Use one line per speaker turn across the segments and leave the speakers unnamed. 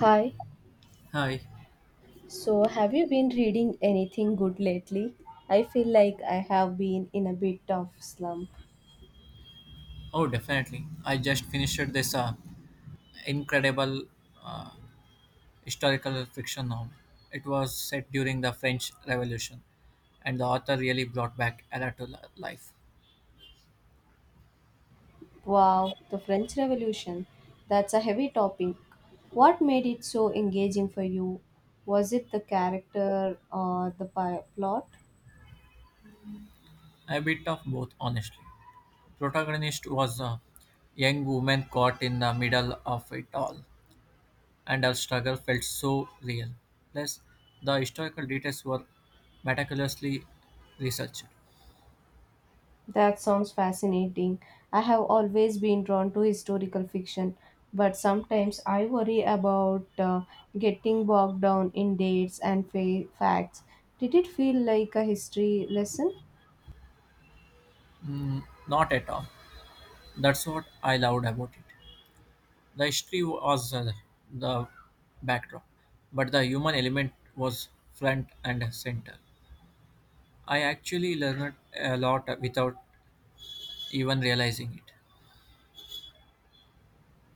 Hi,
Hi.
so have you been reading anything good lately? I feel like I have been in a bit of slump.
Oh, definitely. I just finished this incredible uh, historical fiction novel. It was set during the French Revolution, and the author really brought back Ella to life.
Wow, the French Revolution. That's a heavy topic. What made it so engaging for you? Was it the character or the plot?
A bit of both, honestly. Protagonist was a young woman caught in the middle of it all, and her struggle felt so real. Plus, the historical details were meticulously researched.
That sounds fascinating. I have always been drawn to historical fiction, but sometimes I worry about getting bogged down in dates and facts. Did it feel like a history lesson?
Mm, not at all. That's what I loved about it. The history was the backdrop, but the human element was front and center. I actually learned a lot without even realizing it.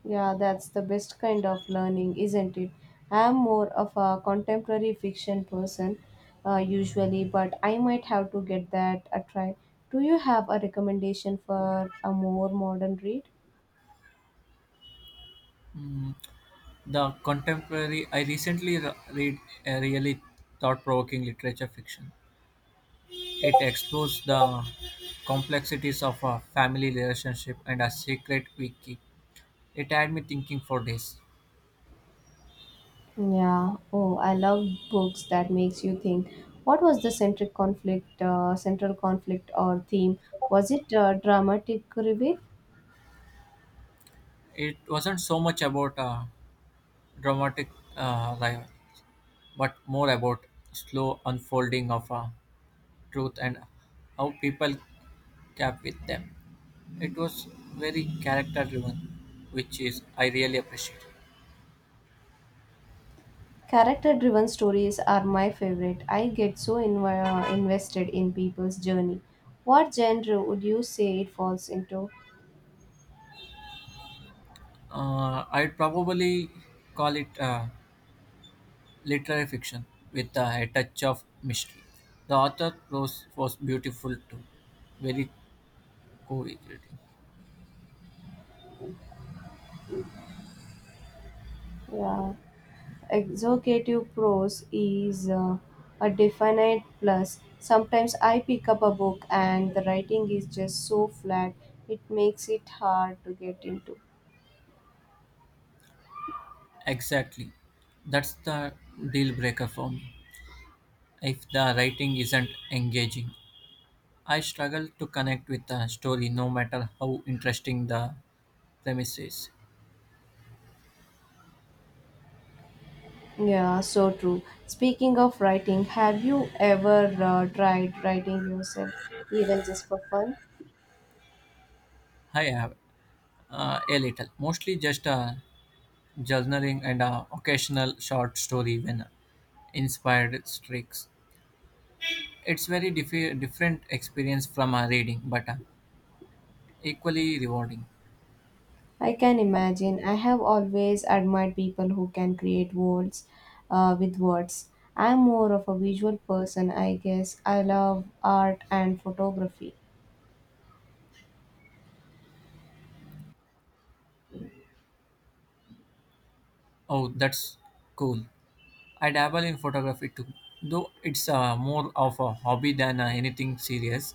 Yeah, that's the best kind of learning, isn't it? I'm more of a contemporary fiction person usually, but I might have to get that a try. Do you have a recommendation for a more modern read?
Mm, the contemporary, I recently read a really thought provoking literature fiction. It explores the complexities of a family relationship and a secret we keep. It had me thinking for days.
Yeah. Oh, I love books that makes you think. What was the central conflict or theme? Was it dramatic reveal?
It wasn't so much about a dramatic rival but more about slow unfolding of a truth and how people cap with them. It was very character driven, which is I really appreciate.
Character-driven stories are my favorite. I get so invested in people's journey. What genre would you say it falls into?
I'd probably call it literary fiction with a touch of mystery. The author prose was beautiful too, very co-creative.
Yeah. Executive prose is a definite plus. Sometimes I pick up a book and the writing is just so flat, it makes it hard to get into.
Exactly, that's the deal breaker for me. If the writing isn't engaging, I struggle to connect with a story no matter how interesting the premise is.
Yeah, so true. Speaking of writing, have you ever tried writing yourself, even just for fun?
I have a little, mostly just a journaling and a occasional short story when inspired streaks. It's very different experience from a reading, but equally rewarding.
I can imagine. I have always admired people who can create worlds with words. I'm more of a visual person, I guess. I love art and photography.
Oh, that's cool. I dabble in photography too, though it's more of a hobby than anything serious.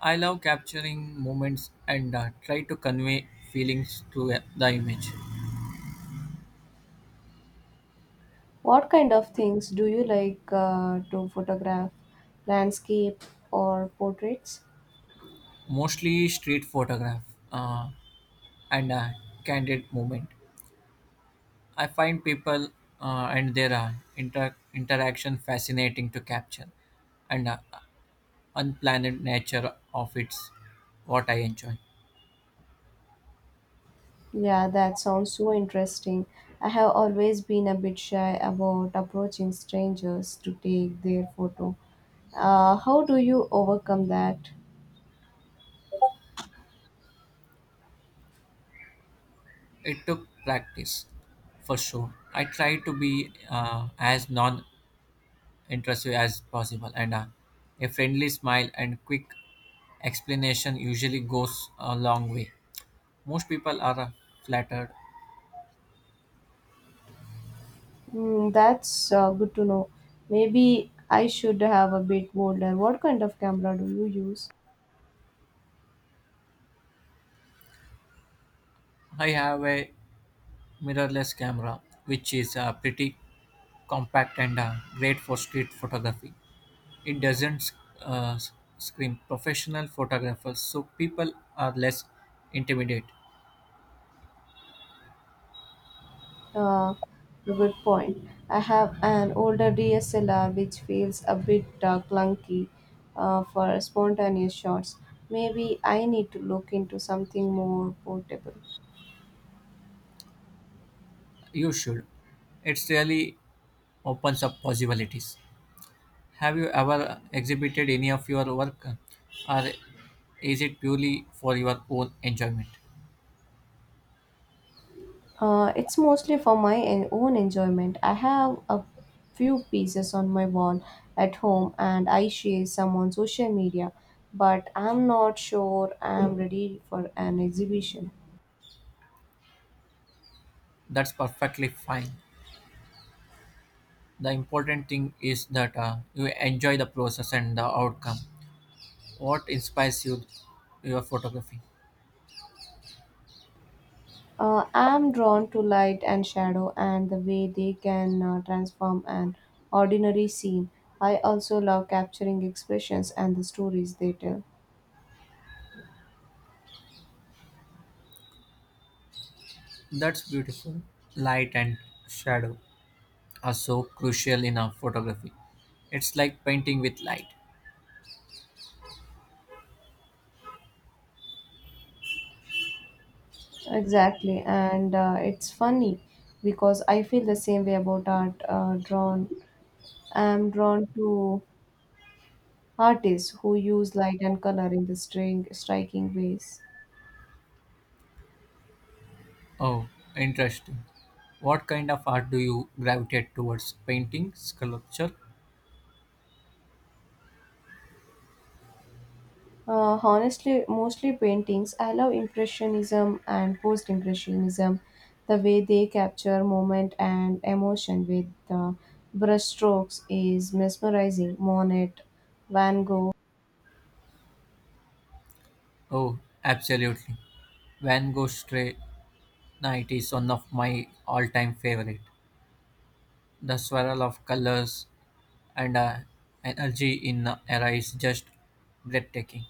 I love capturing moments and try to convey feelings through the image.
What kind of things do you like to photograph? Landscape or portraits?
Mostly street photograph uh, and candid moment. I find people and their interaction fascinating to capture, and unplanned nature of it's what I enjoy.
Yeah, that sounds so interesting. I have always been a bit shy about approaching strangers to take their photo. How do you overcome that?
It took practice for sure. I try to be as non intrusive as possible, and a friendly smile and quick explanation usually goes a long way. Most people are flattered.
Hmm, that's good to know. Maybe I should have a bit bolder. What kind of camera do you use?
I have a mirrorless camera, which is pretty compact and great for street photography. It doesn't uh, scream professional photographers, so people are less intimidated.
Uh, a good point. I have an older DSLR which feels a bit uh, clunky for spontaneous shots. Maybe I need to look into something more portable.
You should. It really opens up possibilities. Have you ever exhibited any of your work, or is it purely for your own enjoyment?
It's mostly for my own enjoyment. I have a few pieces on my wall at home and I share some on social media, but I'm not sure I'm ready for an exhibition.
That's perfectly fine. The important thing is that you enjoy the process and the outcome. What inspires you, your photography?
I'm drawn to light and shadow and the way they can transform an ordinary scene. I also love capturing expressions and the stories they tell.
That's beautiful. Light and shadow are so crucial in a photography. It's like painting with light.
Exactly, and it's funny because I feel the same way about art. I'm drawn to artists who use light and color in the string striking ways.
Oh, interesting. What kind of art do you gravitate towards? Painting, sculpture,
Honestly, mostly paintings. I love Impressionism and Post Impressionism, the way they capture moment and emotion with brushstrokes is mesmerizing. Monet, Van Gogh.
oh, absolutely. Van Gogh's Stray Night is one of my all-time favorite. The swirl of colors and energy in the era is just breathtaking.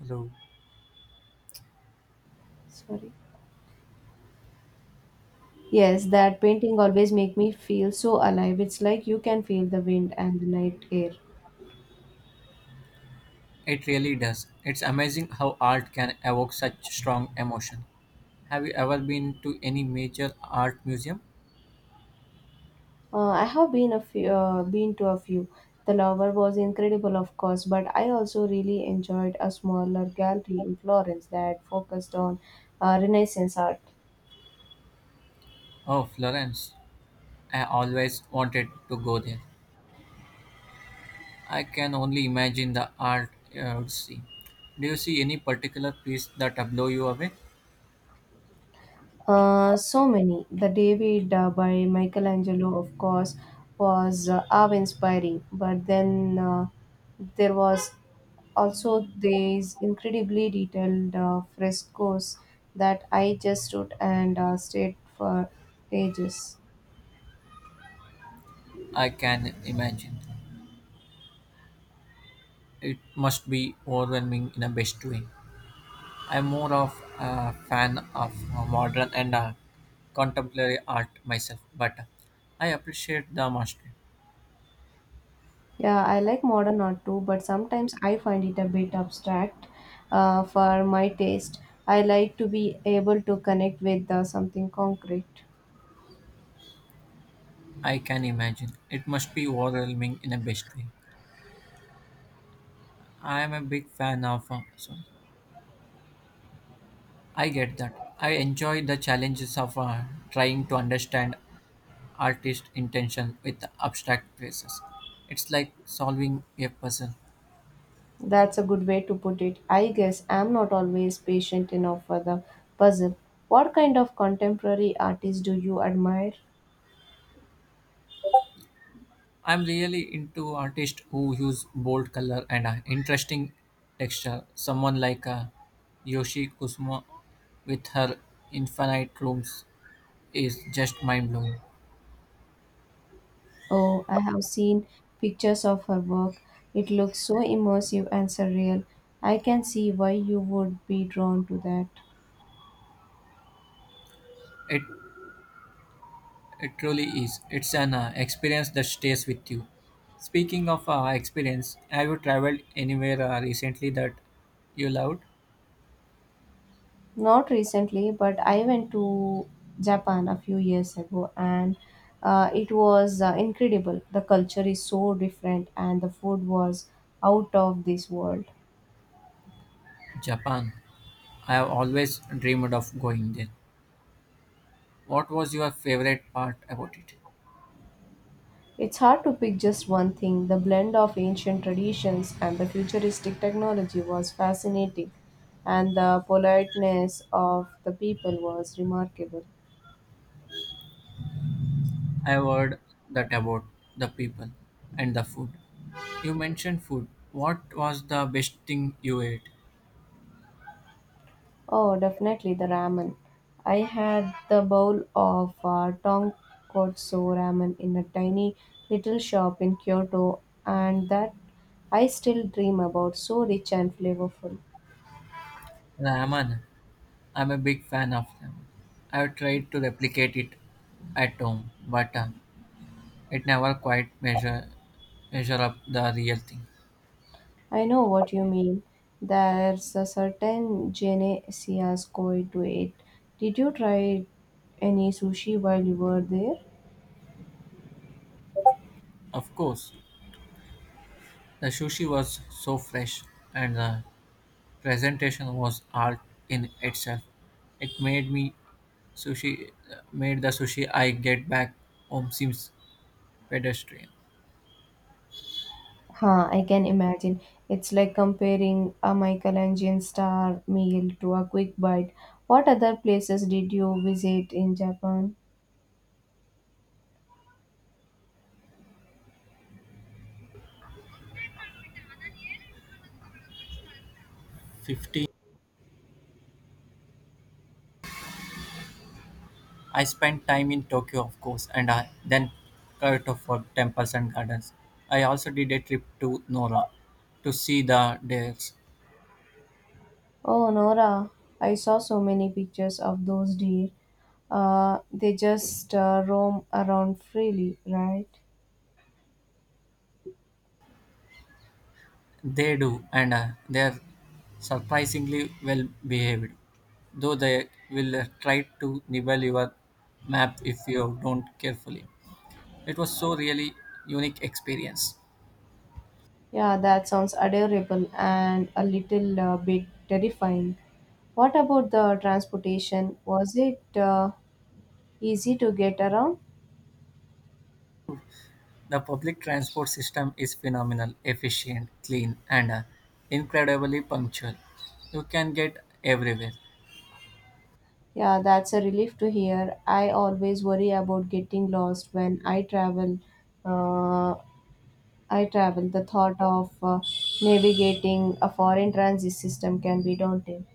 Hello.
Sorry. Yes, that painting always make me feel so alive. It's like you can feel the wind and the night air.
It really does. It's amazing how art can evoke such strong emotion. Have you ever been to any major art museum?
I have been been to a few. The Louvre was incredible, of course, but I also really enjoyed a smaller gallery in Florence that focused on Renaissance art.
Oh, Florence. I always wanted to go there. I can only imagine the art I would see. Do you see any particular piece that blow you away?
So many. The David by Michelangelo, of course, was awe-inspiring. But then there was also these incredibly detailed frescoes that I just stood and stared for ages.
I can imagine. It must be overwhelming in a best way. I'm more of a fan of modern and contemporary art myself, but I appreciate the mastery.
Yeah, I like modern art too, but sometimes I find it a bit abstract for my taste. I like to be able to connect with something concrete.
I can imagine. It must be overwhelming in a best way. I am a big fan of. Sorry. I get that. I enjoy the challenges of trying to understand artist intention with abstract phrases. It's like solving a puzzle.
That's a good way to put it. I guess I'm not always patient enough for the puzzle. What kind of contemporary artist do you admire?
I'm really into artists who use bold color and interesting texture. Someone like Yoshi Kusuma with her infinite rooms is just mind blowing.
Oh, I have seen pictures of her work. It looks so immersive and surreal. I can see why you would be drawn to that.
It it truly is. It's an experience that stays with you. Speaking of experience, have you traveled anywhere recently that you loved?
Not recently, but I went to Japan a few years ago and it was incredible. The culture is so different and the food was out of this world.
Japan. I have always dreamed of going there. What was your favorite part about it?
It's hard to pick just one thing. The blend of ancient traditions and the futuristic technology was fascinating, and the politeness of the people was remarkable.
I've heard that about the people and the food. You mentioned food. What was the best thing you ate?
Oh, definitely the ramen. I had the bowl of tonkotsu ramen in a tiny little shop in Kyoto, and that I still dream about. So rich and flavorful.
Ramen. I'm a big fan of ramen. I've tried to replicate it at home, but it never quite measure up the real thing.
I know what you mean. There's a certain Genesia's koi to it. Did you try any sushi while you were there?
Of course, the sushi was so fresh, and the presentation was art in itself. It made me sushi made the sushi I get back home seems pedestrian.
Huh, I can imagine. It's like comparing a Michelangelo star meal to a quick bite. What other places did you visit in Japan?
15. I spent time in Tokyo, of course, and I then Kyoto for temples and gardens. I also did a trip to Nora to see the deers.
Oh, Nora, I saw so many pictures of those deer. They just roam around freely, right?
They do, and they're surprisingly well behaved, though they will try to nibble your map if you don't carefully. It was so really unique experience.
Yeah, that sounds adorable and a little bit terrifying. What about the transportation? Was it easy to get around?
The public transport system is phenomenal, efficient, clean, and incredibly punctual. You can get everywhere.
Yeah, that's a relief to hear. I always worry about getting lost when I travel. Uh, The thought of navigating a foreign transit system can be daunting.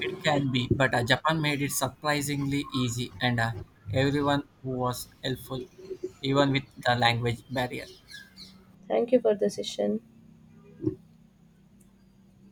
It can be, but Japan made it surprisingly easy, and everyone who was helpful, even with the language barrier.
Thank you for the session.